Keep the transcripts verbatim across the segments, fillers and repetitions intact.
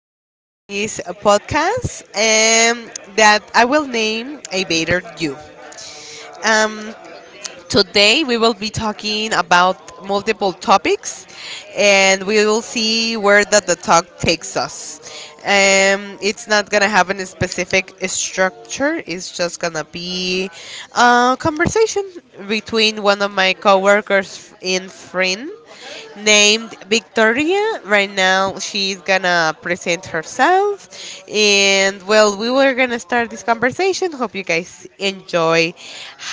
podcast um, that I will name A Better You. Um, Today we will be talking about multiple topics and we will see where that the talk takes us. Um, it's not gonna have a specific structure. It's just gonna be a conversation between one of my coworkers and friend named Victoria. Right now, she's gonna present herself. And well, we were gonna start this conversation. Hope you guys enjoy.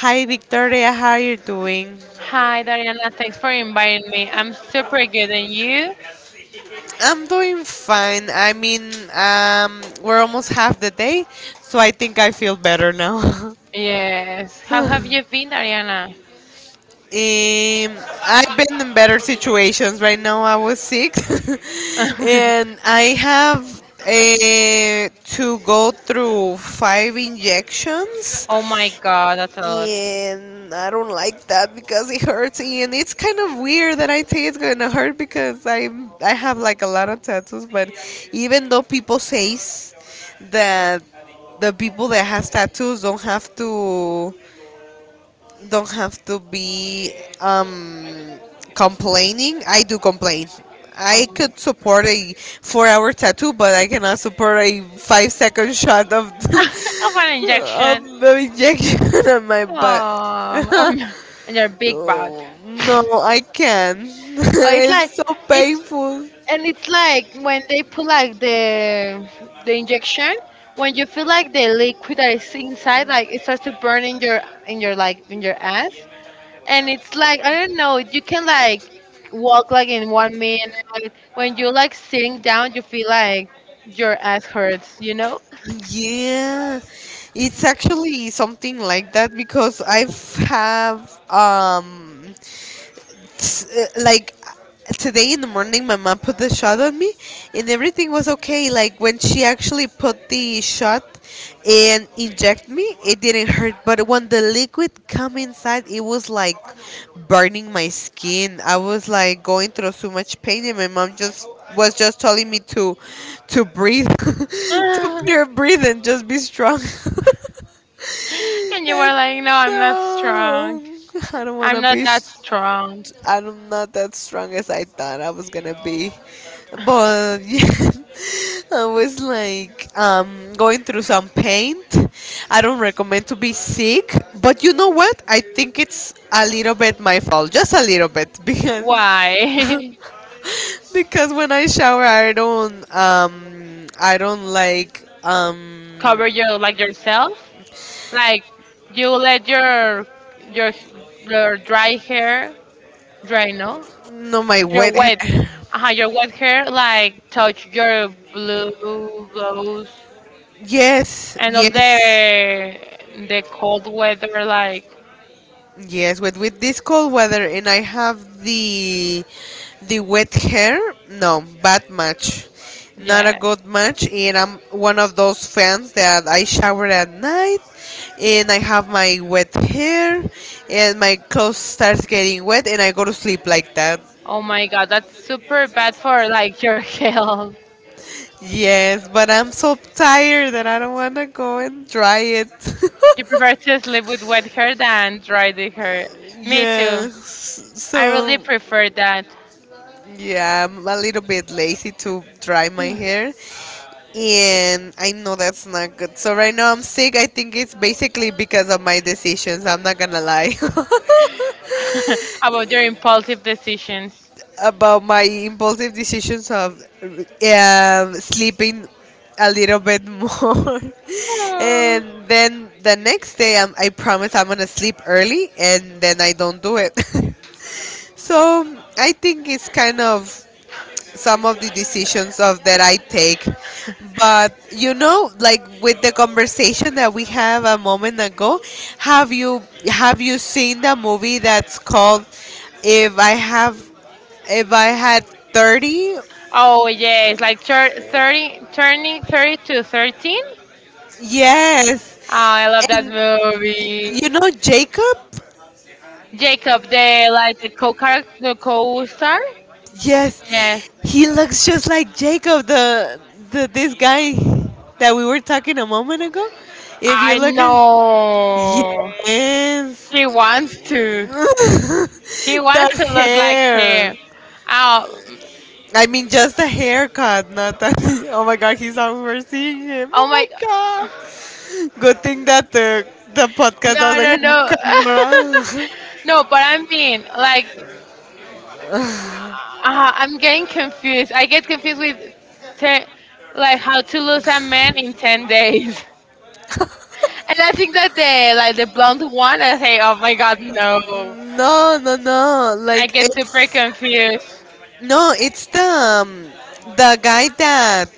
Hi, Victoria. How are you doing? Hi, Dariana. Thanks for inviting me. I'm super good. And you? I'm doing fine. I mean, um, we're almost half the day, so I think I feel better now. Yes. How have you been, Dariana? Um, I've been in better situations. Right now, I was sick, and I have uh, to go through five injections, Oh my God, that's a lot. and I don't like that because it hurts. And it's kind of weird that I say it's gonna hurt because I'm I have like a lot of tattoos. But even though people says that the people that has tattoos don't have to don't have to be um, complaining. I do complain. Oh I my could support a four-hour tattoo, but I cannot support a five-second shot of of an of injection. the injection on my butt. Oh, Um. And your big butt. Oh, no, I can. Oh, it's like, It's so it's, painful. and it's like when they put like the the injection, when you feel like the liquid that is inside, like it starts to burn in your in your like in your ass. And it's like, I don't know, you can like walk like in one minute. When you're like sitting down, you feel like your ass hurts, you know? Yeah, it's actually something like that because I've have um s- uh, like today in the morning my mom put the shot on me, and everything was okay, like when she actually put the shot and inject me, it didn't hurt. But when the liquid come inside, it was like burning my skin. I was like going through so much pain, and my mom just was just telling me to to breathe, And to breathe and just be strong. you were And like, no, I'm not strong. no, I don't want I'm to not be. that strong. I'm not that strong as I thought I was gonna be, but yeah, I was like um, going through some pain. I don't recommend to be sick, but you know what? I think it's a little bit my fault, just a little bit, because Why? because when I shower, I don't um, I don't like um, Cover your, like, yourself? Like you let your your your dry hair. Dry, no? no, my your wet wet, hair. uh, your wet hair like touch your blue blouse Yes, and all yes. the the cold weather, like. Yes, with with this cold weather and I have the the wet hair, no, bad match. Not a Yeah, good match, and I'm one of those fans that I shower at night and I have my wet hair and my clothes starts getting wet and I go to sleep like that. oh my God, that's super bad for, like, your health. Yes, but I'm so tired that I don't want to go and dry it. You prefer to sleep with wet hair than dry the hair. Me too. Yes. I really So prefer that. yeah, I'm a little bit lazy to dry my hair. And I know that's not good. So right now I'm sick. I think it's basically because of my decisions. I'm not gonna lie. About your impulsive decisions. About my impulsive decisions of um, sleeping a little bit more. Oh, And then the next day, I'm, I promise I'm gonna sleep early, and then I don't do it. So I think it's kind of some of the decisions of that I take. But you know, like with the conversation that we have a moment ago, have you have you seen the movie that's called If I Have If I Had thirty? oh, yes, like, tur thirty turning thirty to thirteen. Oh, Yes. I love that And movie. you know Jacob? Jacob, the, like, the co-character, the co-star? Yes, Yes, he looks just like Jacob, the the this guy that we were talking a moment ago. If you I I look at know. know. Yes, she She wants wants to. to. She The wants to look like hair. him. Oh, I mean, just the haircut, not that. Oh my God, he's overseeing him. Oh Oh oh my my. god. Good thing that the the podcast, no, No, no, doesn't, no, have no no. camera. No, but I mean, like, uh, I'm getting confused. I get confused with, te- like, how to lose a man in 10 days. And I think that the, like, the blonde one, I say, oh my God, no. No, no, no. I Like get super it's confused. No, it's the um, the guy that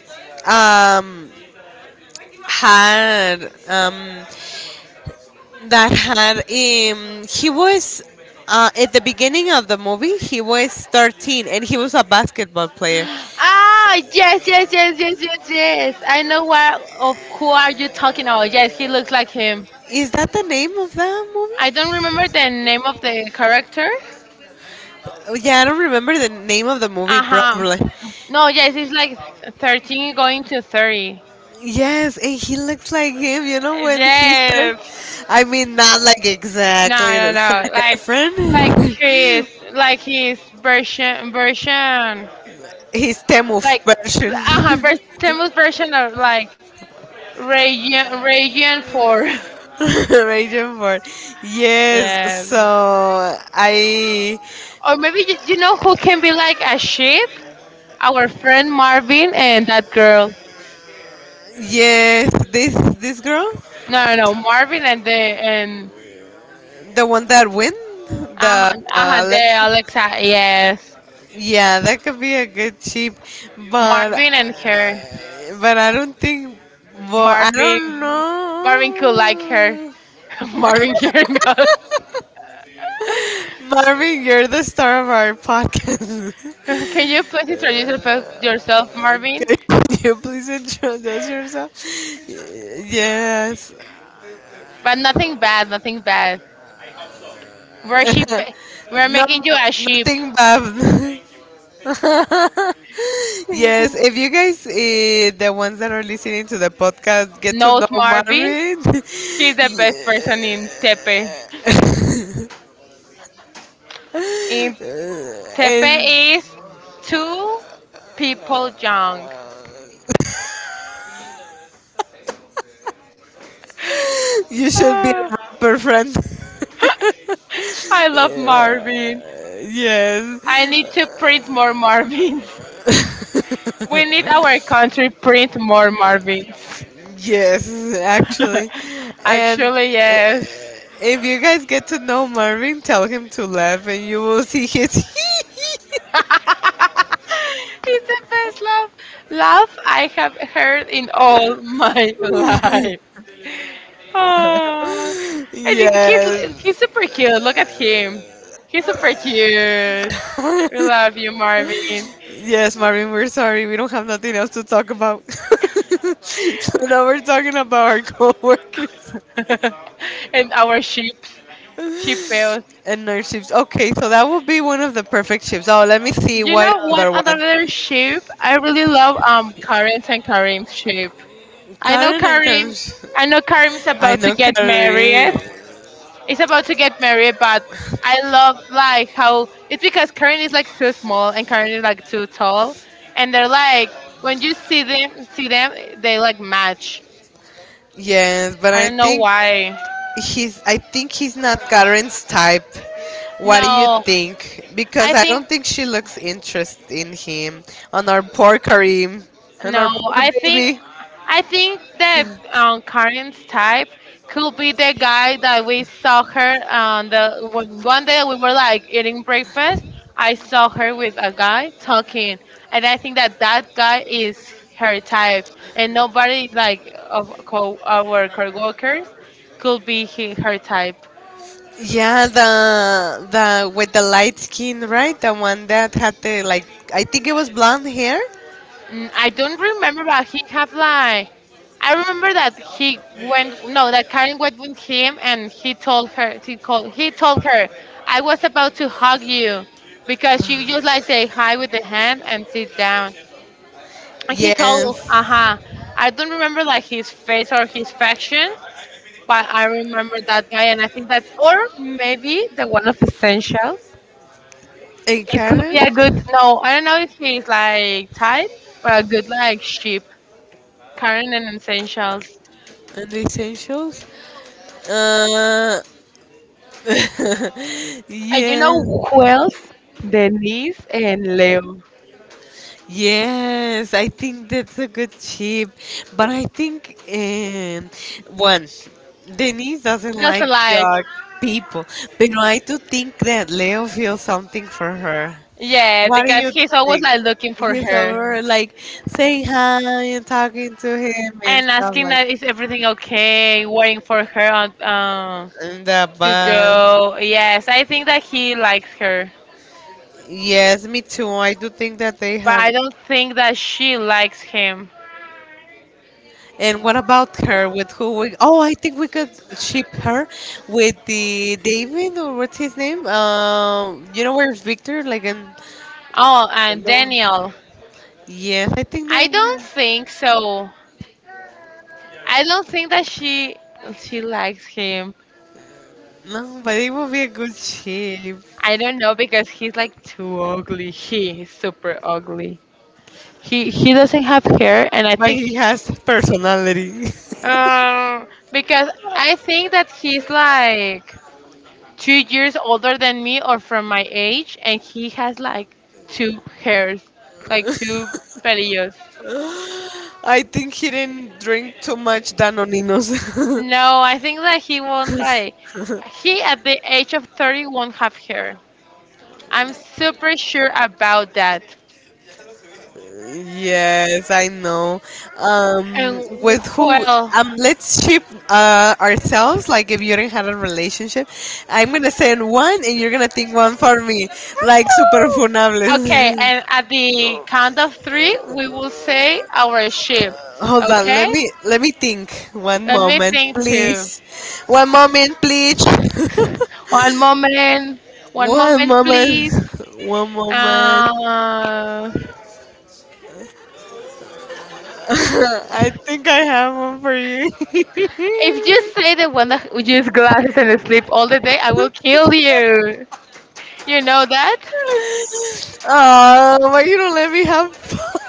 um, had, um, that had, um, he was, uh, at the beginning of the movie he was thirteen and he was a basketball player. Ah, yes, yes, yes, yes, yes, yes. I know what of who are you talking about. Yes, he looks like him. Is that the name of the I don't remember the name movie? of the character. Oh, yeah, I don't remember the name of the movie Uh-huh. probably. No, yes, he's like thirteen going to thirty. Yes, and he looks like him, you know, when he started. Yes. I mean, not like No, exactly no, the no. Zac Like, Efron. like his like his version version, He's Temu's like, version. uh-huh, ver- Temu's version of like region region four. Raging for yes. Yeah. So I Or maybe you, you know who can be like a sheep? Our friend Marvin and that girl. yes, this this girl, No, no, no, Marvin and the and the one that win the uh, uh, uh, the Alexa. Alexa. Yes, Yeah, that could be a good cheap, but uh, Marvin and her. but I don't think. Well, I Marvin, don't Marvin could know. like her. Marvin hearing us. Marvin, you're the star of our podcast. Can you please introduce yourself, yourself, Can Marvin? can you please introduce yourself? Y- Yes. But nothing bad, nothing bad. We're sheep. We're No, making you a sheep. nothing bad. Yes, if you guys, uh, the ones that are listening to the podcast, get to Knows know Marvin. Marvin. She's the best yeah. person in Tepe. In Tepe And is two people young. you should be Ah, a rapper friend. I love Marvin. Yes. I need to print more Marvins. We need our We country print more Marvins. Yes, actually. And actually, Actually, i- yes. yes. If you guys get to know Marvin, tell him to laugh and you will see his It's the best laugh laugh I have heard in all my life. Ah, and he- he's yes. he's super cute. Look at him. He's super cute. We love you, Marvin. Yes, Marvin, we're sorry. We don't have nothing else to talk about. So now we're talking about our coworkers. And our sheep, sheep bells. And nurse chips. Okay, so that would be one of the perfect chips. Oh, let me see. You know what, Do another sheep? I really love um Karen's and I know Karim's sheep. I know Karen. Karim I know Karim is I about know to is I get married. Karen. It's about to get married, but I love, like, how it's, because Karen is like too small and Karen is like too tall. And they're like when you see them see them, they like match. Yes, but I I don't know think why. he's I think he's not Karen's type. What do you No. think? I Because I don't think. think she looks interested in him. On our poor Karim. On our No, poor I think baby. I think that um, Karen's type could be the guy that we saw her on the when- one day we were like eating breakfast. I saw her with a guy talking, and I think that that guy is her type, and nobody, like, of co our coworkers could be he, her type. Yeah, the the with the light skin, right? The one that had the, like, I think it was blonde hair. Mm, I don't remember, but he have like. I remember that he went. No, that Karen went with him, and he told her. He called. He told her, "I was about to hug you," because she just like say hi with the hand and sit down. And he told, Yes. "Aha." I don't remember like his face or his factions, but I remember that guy, and I think that's, or maybe, the one of essentials. And It could be Karen? a good. No, I don't know if he's like type, but a good, like, ship. Karen and Essentials. And the essentials? Uh, And you Yes, know who else? Denise and Leo. yes, I think that's a good tip. But I think, um, one, Denise doesn't Just like like, dark people, but I do think that Leo feels something for her. yeah, What do because you he's always think? like looking for He's her over, like, saying hi and talking to him and and stuff asking like that is everything okay, waiting for her on um that. to But go. Yes, I think that he likes her, yes, me too. I do think that they but have. I don't think that she likes him. And what about her with who we, oh, I think we could ship her with the David, or what's his name? Um, you know where's Victor? Like in Oh, and no. Daniel, Yes, I think I don't they, think so. I don't think that she she likes him. no, but it would be a good shape. I don't know because he's like too ugly. He is super ugly. He he doesn't have hair, and I But think he has personality. um because I think that he's like two years older than me or from my age, and he has like two hairs, like two pelillos. I think he didn't drink too much Danoninos. No, I think that he won't, like. He at the age of thirty won't have hair. I'm super sure about that. Yes, I know. Um, And, With who? well, Um, let's ship uh, ourselves. Like, if you didn't have a relationship, I'm gonna send one, and you're gonna think one for me. Like, super okay, funables. and at the count of three, we will say our ship. Hold on, Okay? let me let me think. One Let me moment, think too. please. One moment, please. One moment. One One moment, moment. please. One moment. Uh, I think I have one for you. if you say the one that uses glasses and sleep all the day, I will kill you. You know that? Oh, why you don't let me have fun?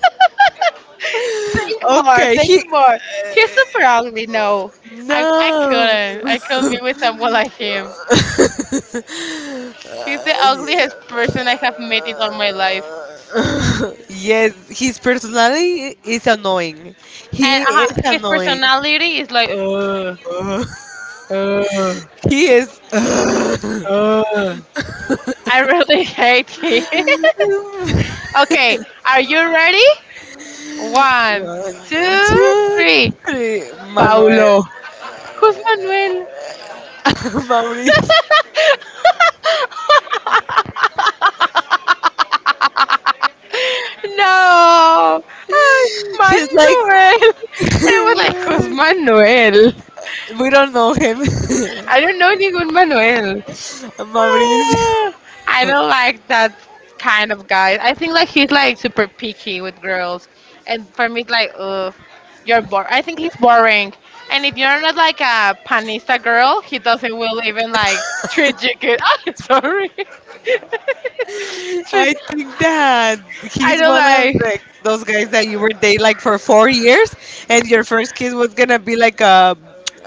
Think more, Okay, think he. more. He's super ugly. No, I, I No. couldn't. I couldn't be with someone like him. He's the Uh, ugliest Yeah. person I have met in all my life. Yes, his personality is annoying. And He uh, is his annoying. personality is like, "Ugh." He is. Okay. I really hate him. Okay, are you ready? One, One, one, two, two, two, three. three, three. Manuel. Who's Manuel? Maurice. No. Ah, He's like. Manuel. And I was like, who's Manuel? We don't know him. I I don't don't know. know anyone Manuel. Mauricio. Uh, I Do, don't like that kind of guy. I think like he's like super picky with girls, and for me it's like, ugh, you're bored. I think he's boring, and if you're not like a panista girl, he doesn't will even like treat you good. Oh, sorry. like, I Treat- think that I he's don't one of, like. like, the, those guys that you were dating like for four years, and your first kiss was gonna be like a,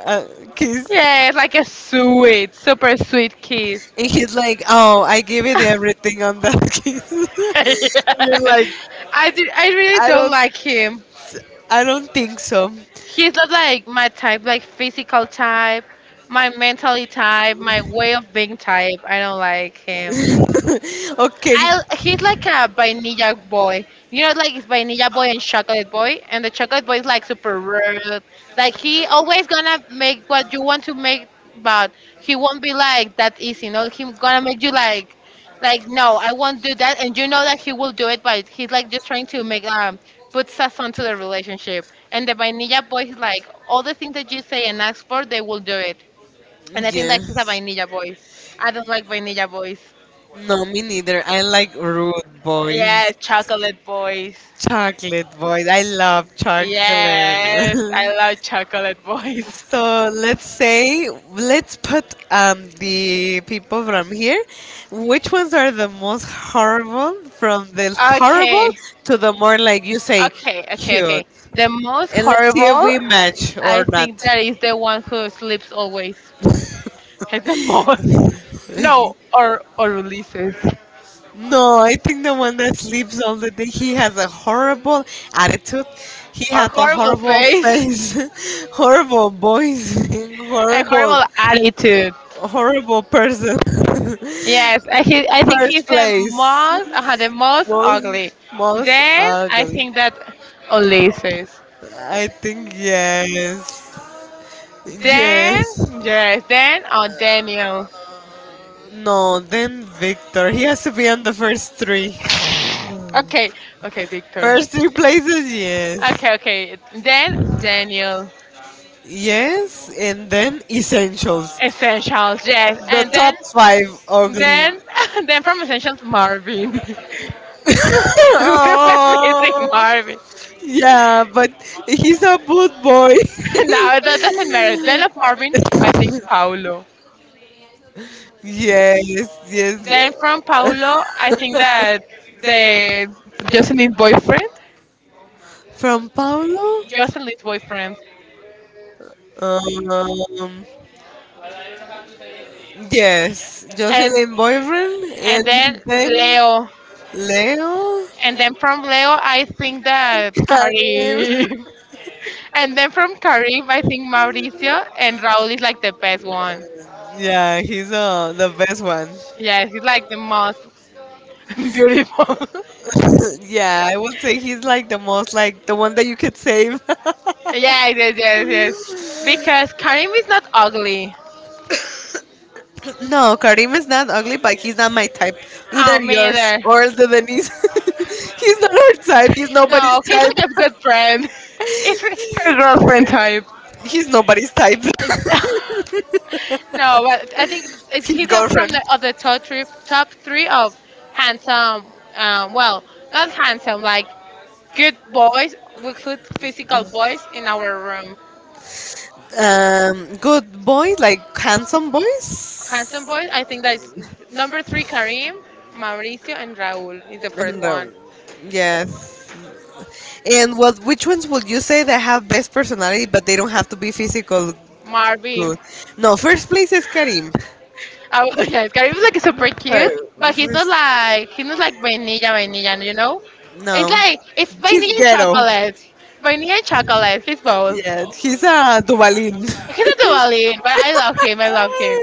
a kiss. Yeah, it's like a sweet, super sweet kiss. And he's like, "Oh, I give it everything on that kiss." And you're Yeah. like, I do, I really "I don't don't, like him. I don't think so." He's not like my type, like physical type, my mentally type, my way of being type. I don't like him. Okay. I he's like a vanilla boy. You know, like it's vanilla boy and chocolate boy, and the chocolate boy is like super rude. Like he always gonna make what you want to make, but he won't be like that easy. You know, he gonna make you like, like, no, I won't do that, and you know that he will do it, but he's like just trying to make um put sazon to the relationship. And the vanilla boy is like all the things that you say and ask for, they will do it. And I think Yeah. that he's a vanilla boy. I don't like vanilla boys. No, me neither. I like rude boys. Yes, Chocolate Boys. Chocolate boys. I love chocolate. Yes, I love Chocolate Boys. So let's say let's put um, the people from here. Which ones are the most horrible? From the, okay, horrible Okay, to the more, like you say, okay, okay, okay, cute. okay. The most And let's see if horrible, we match or I not. think, that is the one who sleeps always. It's the most. No, or or releases. No, I think the one that sleeps all the day, he has a horrible attitude. He Or has a horrible horrible, horrible face face, horrible voice, horrible, and horrible horrible attitude. person. Yes, I, he, I think First he's the most, uh, place. the uh, most most ugly. Most, Then I ugly. think that Ulysses. Okay, I think Then yes. Yes. yes, then, oh, Daniel. No, then Victor. He has to be on the first three. Okay, okay, Victor. First three places, yes. Okay, okay. Then Daniel. Yes, and then essentials. Essentials, yes, Yes. The and then top five ugly. then then from Essentials, Marvin. We were missing Oh, Marvin. yeah, but he's a good boy. No, that doesn't matter. Then of Marvin, I think Paulo. Yes, yes. Then from Paulo, I think that the Jocelyn's boyfriend, From Paulo? Jocelyn's boyfriend, Um, yes, and and Jocelyn boyfriend, and and then then and then Leo. Leo, and then from Leo, I think that Leo. Karim, and then from Karim, I think Mauricio and Raul is like the best one. Yeah, he's uh the best one. Yes, he's like the most beautiful. Yeah, I would say he's like the most, like the one that you could save. Yes, yes, yes, yes. Because Karim is not ugly. No, Karim is not ugly, but he's not my type. Oh, Either me yours either. or the Denise. He's not her type. He's nobody's No, he's type. like a good friend. It's a girlfriend type. He's nobody's type. No, but I think it's, His he's out from girlfriend. the other top three, top three of handsome. Um, well, not handsome, like good boys. We put physical boys in our room. Um, good boy, like handsome Handsome Handsome boys. I think boys. that's number three. Karim, Mauricio, and Raúl is And one. the um, first one. Personality. Yes. And what? Which ones would you say that have best personality, but they don't have to be physical Marvin. good? No, first place is Karim. Oh, yes, Karim is like super cute, but he's not like he's not like vanilla, vanilla. You know, It's it's no. like it's vanilla and chocolate. Vanilla and chocolate. He's both. He's a Duvalin. He's not the He's Valin, but I love him. I love him.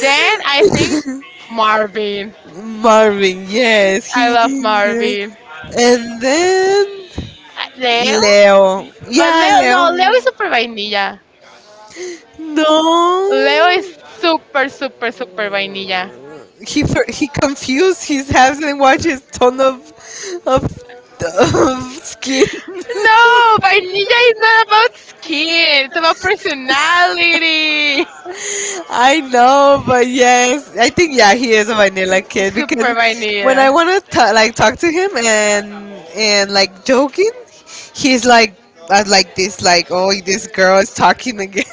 Then him. I think He's my Marvin. Marvin, yes, I love Marvin. and then Uh, Leo? Leo. Oh, But Leo, no, Leo is super vainilla. Leo is no. super, super, super vainilla. He for, he confused. He hasn't watched his ton of of, of skin. No, vainilla is not about skin. It's about personality. I know, but yes, I think yeah, he is a vanilla kid because Super when vainilla. I want to like talk to him and and like joking, he's like, uh, like this, like, oh, this girl is talking again.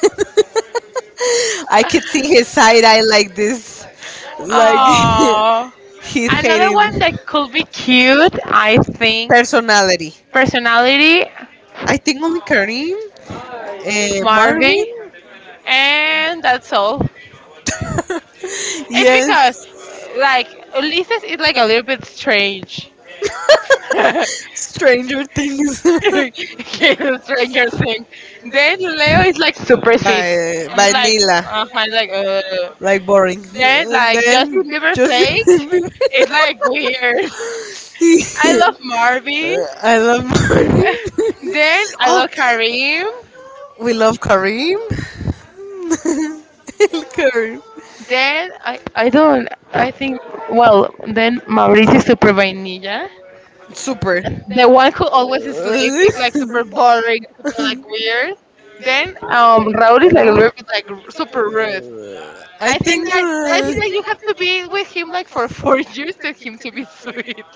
I could see his side eye like this, like he's Oh, another one hating that could be cute, I think. personality. Personality. I think only Karim and Marvin. Marvin, and that's all. It's because, Yes, like, Ulysses is like a little bit strange. He's Stranger Things. a stranger thing. Then Leo is like super sweet. And And it's like, uh, I like, uh like boring. then, like, Justin Then Bieber fake. Bieber It's like weird. just I love face. I love Marvin. Marvin. I love Marvin. Then I love Then Karim. we love Karim. Karim, Then I I don't, I think, well, then Mauricio super vainilla. super. The The one who always sleep is like super boring, super, like, weird. Then, um, Raul is like a little bit like, r- super rude. I I It's think. think that I think that Like you have like to be with him like for four years to him to be sweet.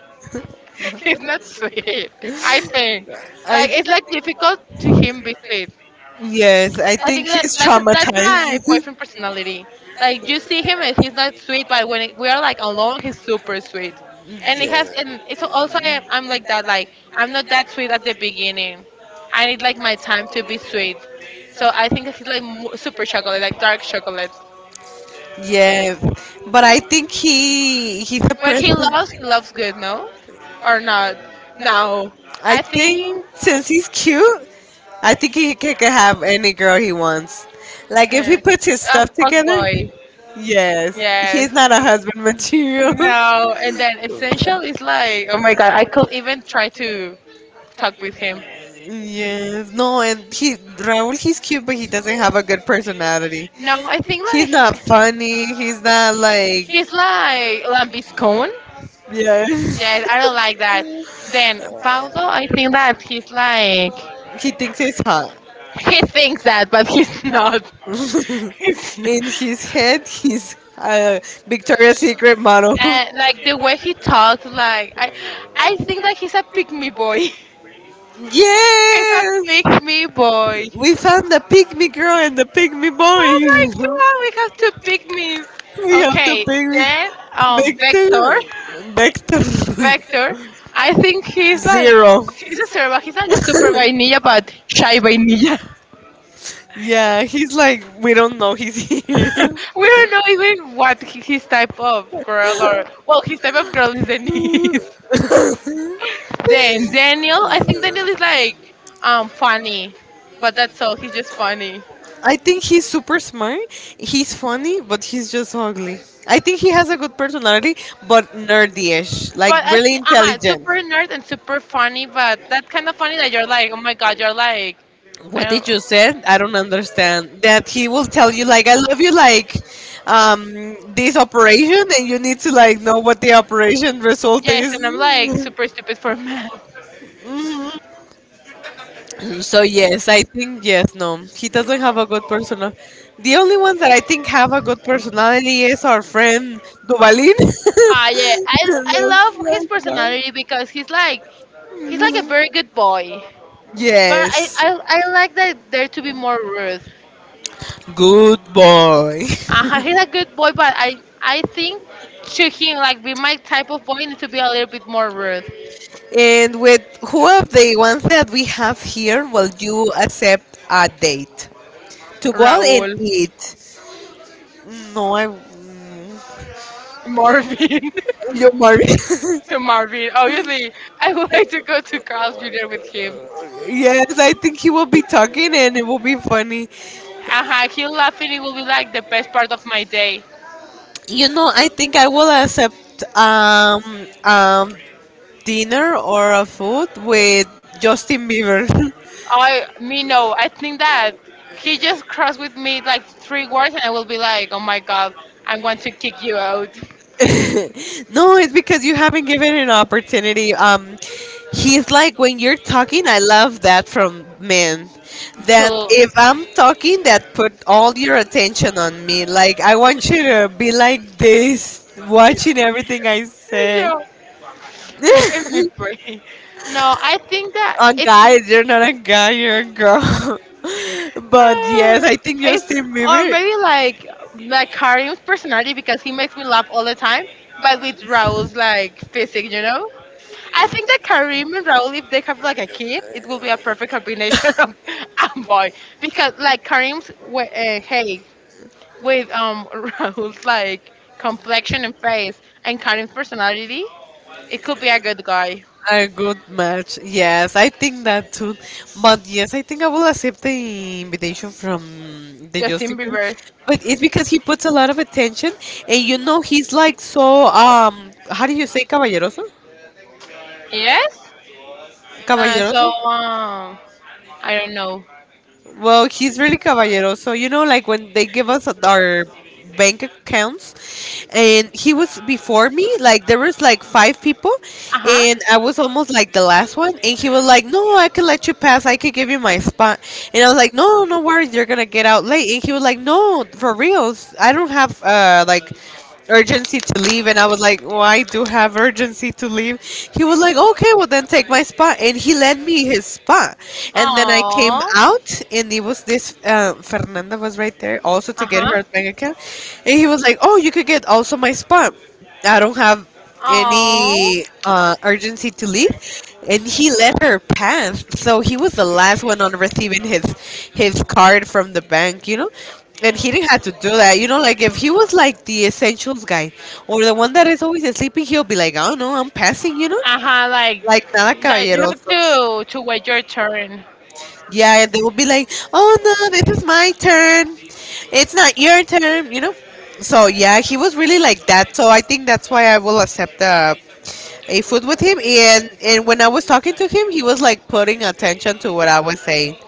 He's not sweet. I think like I It's like difficult to him be sweet. yes, I and I think think that he's I that's have that's my traumatized. boyfriend personality. Like you see him and he's not sweet, but when we are like alone, he's super sweet. And it has and it's also I Yeah. am, I'm like Yeah. that. Like I'm not that sweet at the beginning. I need like my time to be sweet. So I think that he's like mo- super chocolate, like dark chocolate. Yeah, but I think he he's a When he person. loves, he loves good, no, or not? No, I I think. think since he's cute, I think he c- can have any girl he wants. Like if he Uh, puts his ah, stuff fuck together, boy. yes, he's Yes. not a husband material. No, and then essential is like, oh my god, I could even try to talk with him. Yes, no, and he Raul, he's cute, but he doesn't have a good personality. No, I think He's like like not funny. He's not like he's like lambiscone. yeah. Yeah, I don't like that. Then Paulo, I think that he's like He thinks he's hot. he thinks that, but he's not. He's not. In his head, he's a Victoria's Secret model. And like the way he talks, like I, I think that he's a pick me boy. So he's a Yes. pick me boy. We found the pygmy girl and the pygmy Oh my boy. god, we have two pygmies. We have the Okay, pygmy. then um Vector. Victor. Victor. Vector. I think he's like Zero. he's a zero, but he's like a super vainilla but shy vainilla. Yeah, he's like, we don't know he's here. We don't know even what hi- his type of girl or well his type of girl is Denise. Then Daniel, I think Daniel is like um funny. But that's all, he's just funny. I think he's super smart. He's funny, but he's just ugly. I think he has a good personality, but nerdy-ish, like But I really think, uh intelligent. super nerd and super funny, but that kind of funny that you're like, oh my god, you're like, I What don't. did you say? I don't understand. That he will tell you like I love you like um this operation and you need to like know what the operation result Yes, yes, and I'm like is. super stupid for math. So yes, I think yes, no, he doesn't have a good personal. The only ones that I think have a good personality is our friend Duvalin. Ah, yeah, I I love his personality because he's like he's like a very good boy, but I Yes, I, I like that there to be more rude. good boy. Uh, he's a good boy, but I I think to him like be my type of boy needs to be a little bit more rude. And with who of the ones that we have here will you accept a date to go out and Raúl. eat? No, I. Marvin. You're married. To Marvin. Obviously, I would like to go to Carl's junior with him. Yes, I think he will be talking and it will be funny. Uh-huh, him laughing, it will be like the best part of my day. You know, I think I will accept um um dinner or a food with Justin Bieber. I, me, no. I think that he just crossed with me like three words, and I will be like, oh my god, I'm going to kick you out. No, it's because you haven't given it an opportunity. Um, he's like when you're talking, I love that from men. That To, if I'm talking, that put all your attention on me. Like I want you to be like this, watching everything I say. yeah, in, in my brain. No, I think that A it's guy. You're not a guy. You're a girl. But yes, Uh, I think It's Justin or Bieber maybe like like Karim's personality because he makes me laugh all the time, but with Raul's like physique, you know. I think that Karim and Raul, if they have like a kid, it will be a perfect combination of a boy because like Karim's wa- uh, hey with um Raul's like complexion and face and Karim's personality, it could be a good guy. a good match. Yes, I think that too. But yes, I think I will accept the invitation from the Justin Justin Bieber. Bieber, But it's because he puts a lot of attention, and you know he's like so um. How do you say caballeroso? yes. Uh, so Caballeroso. um, I don't know. Well, he's really caballero. So you know, like when they give us our bank accounts, and he was before me. Like there was like five people, Uh huh. and I was almost like the last one. And he was like, "No, I can let you pass. I can give you my spot." And I was like, "No, no worries. You're gonna get out late." And he was like, "No, for reals. I don't have uh like." Urgency to leave, and I was like, well, I do have urgency to leave. He was like, okay, well then take my spot, and he lent me his spot. And then I came Oh, out, and it was this uh, Fernanda was right there also to get uh-huh. her bank account. And he was like, oh, you could get also my spot. I don't have Oh, any uh, urgency to leave, and he let her pass. So he was the last one on receiving his his card from the bank, you know. And he didn't have to do that, you know. Like if he was like the essentials guy or the one that is always sleeping, he'll be like, "Oh no, I'm passing," you know. uh-huh. Like, Like nada like you have caballeroso. to to wait your turn. Yeah, they will be like, "Oh no, this is my turn. It's not your turn," you know. So yeah, he was really like that. So I think that's why I will accept a a food with him. And and when I was talking to him, he was like putting attention to what I was saying.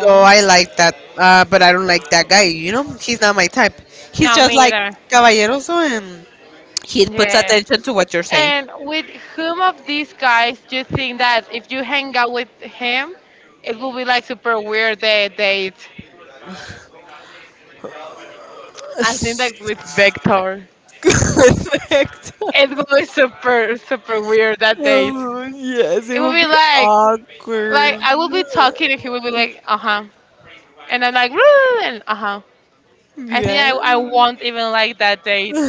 So I like that, uh, but I don't like that guy. You know, he's not my type. He's no, just me like either. caballeroso, and he puts Yes. attention to what you're saying. And with whom of these guys do you think that if you hang out with him, it will be like super weird the date? I think that with Vector, Perfect. it will be super super weird that date. Oh, yes, it It It will would be be like, like like like awkward. I will be I talking and he will be like uh huh, and I'm like "Woo," and uh huh. I I think I, I Yeah. won't even like that date.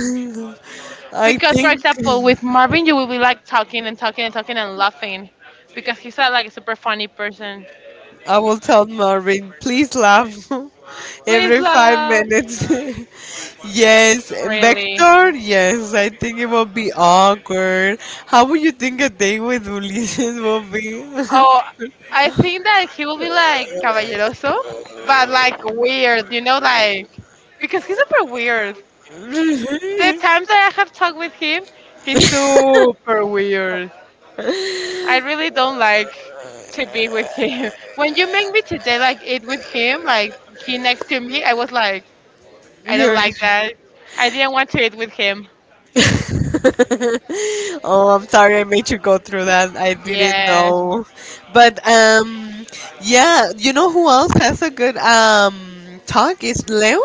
I Because, for think example, with Marvin, you will be like talking and talking and talking and laughing. Because he's not like a super funny person. I will tell Marvin, please laugh Please every five laugh. minutes. Yes, and Really. Vector, yes, I think it will be awkward. How would you think a day with Ulysses will be? Oh, I think that he will be like caballeroso, but like weird, you know, like because he's super weird. The times that I have talked with him, he's super weird. I really don't like to be with him. When you make me today like eat with him, like he next to me, I was like, I don't You're like that. I didn't want to eat with him. oh, I'm sorry I made you go through that. I didn't Yes. know. But um yeah, you know who else has a good um talk is Leo.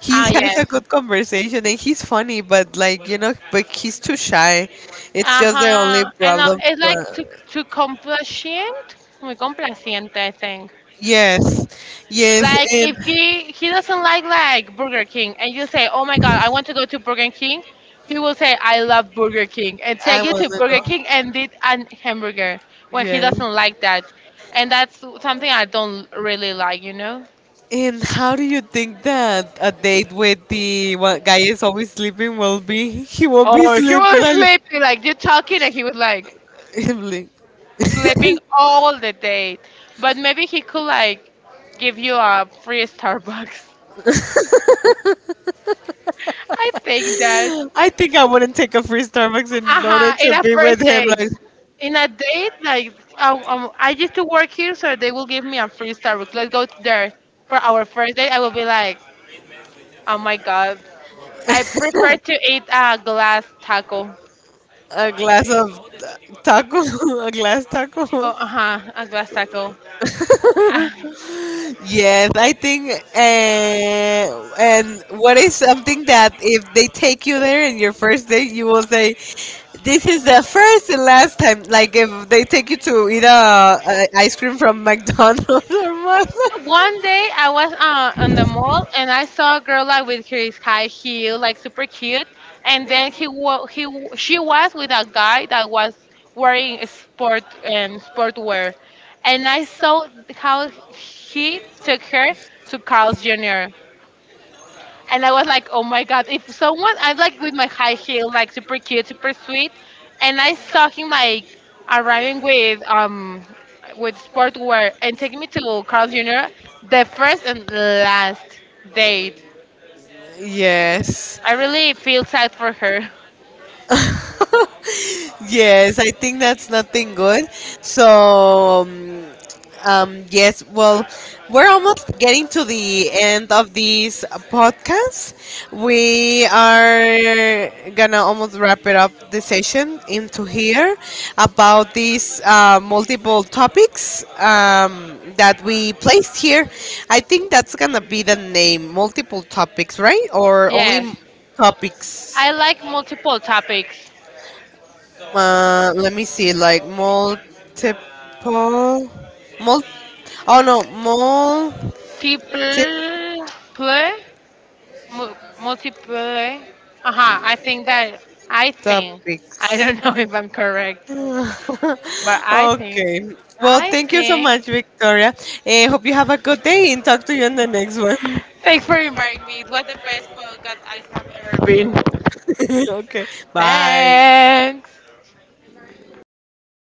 He Ah, has a yes. good conversation and he's funny, but like, you know, but he's too shy. It's just the Uh-huh. only And uh, problem. it's like But to, to complacent, muy complaciente, I think. yes. Yes, Like and if he he doesn't like like Burger King and you say, "Oh my God, I want to go to Burger King," he will say, "I love Burger King," and I take you want to to Burger go. King and eat an hamburger when he Yeah. doesn't like that, and that's something I don't really like, you know. And how do you think that a date with the one guy is always sleeping will be? He will be Or he sleeping. was Like, sleepy, like you talking, and he was like Him like- sleeping all the day. But maybe he could like give you a free Starbucks. I think that. I think I wouldn't take a free Starbucks Uh in order huh. In to a be with first him. date. Like In a date, like um, um, I used to work here, so they will give me a free Starbucks. Let's go there for our first date. I will be like, oh my god, I prefer to eat a glass taco. a glass of ta- taco, a glass Oh, taco. uh huh, a glass taco. Yes, I think, uh, and what is something that if they take you there in your first day, you will say, "This is the first and last time." Like if they take you to eat a, a ice cream from McDonald's or what? One day I was uh, on the mall and I saw a girl like with his high heel, like super cute, and then he wa- he w- she was with a guy that was wearing a sport um, sportwear, and I saw how he took her to Carl's junior And I was like, oh my god, if someone, I'm like with my high heel, like super cute, super sweet, and I saw him like arriving with um with sportwear and taking me to Carl junior, the first and last date. Yes. I really feel sad for her. Yes, I think that's nothing good. So, um, um, yes, well, we're almost getting to the end of this podcast. We are gonna almost wrap it up the session into here about these uh, multiple topics um, that we placed here. I think that's gonna be the name, multiple topics, right? Or only Yes, m- topics? I like multiple topics. Uh, let me see, like multiple, mul. Oh no, multiple. Multiple, Mul- multiple. Uh huh. I think that I think Topics. I don't know if I'm correct, but I think Okay. Well, I Thank you so thank you so think. Much, much, Victoria. Victoria. Eh, hope you have a good day and talk to you in the next one. Thanks for inviting me. It was a pleasure. Okay. Bye. Thanks.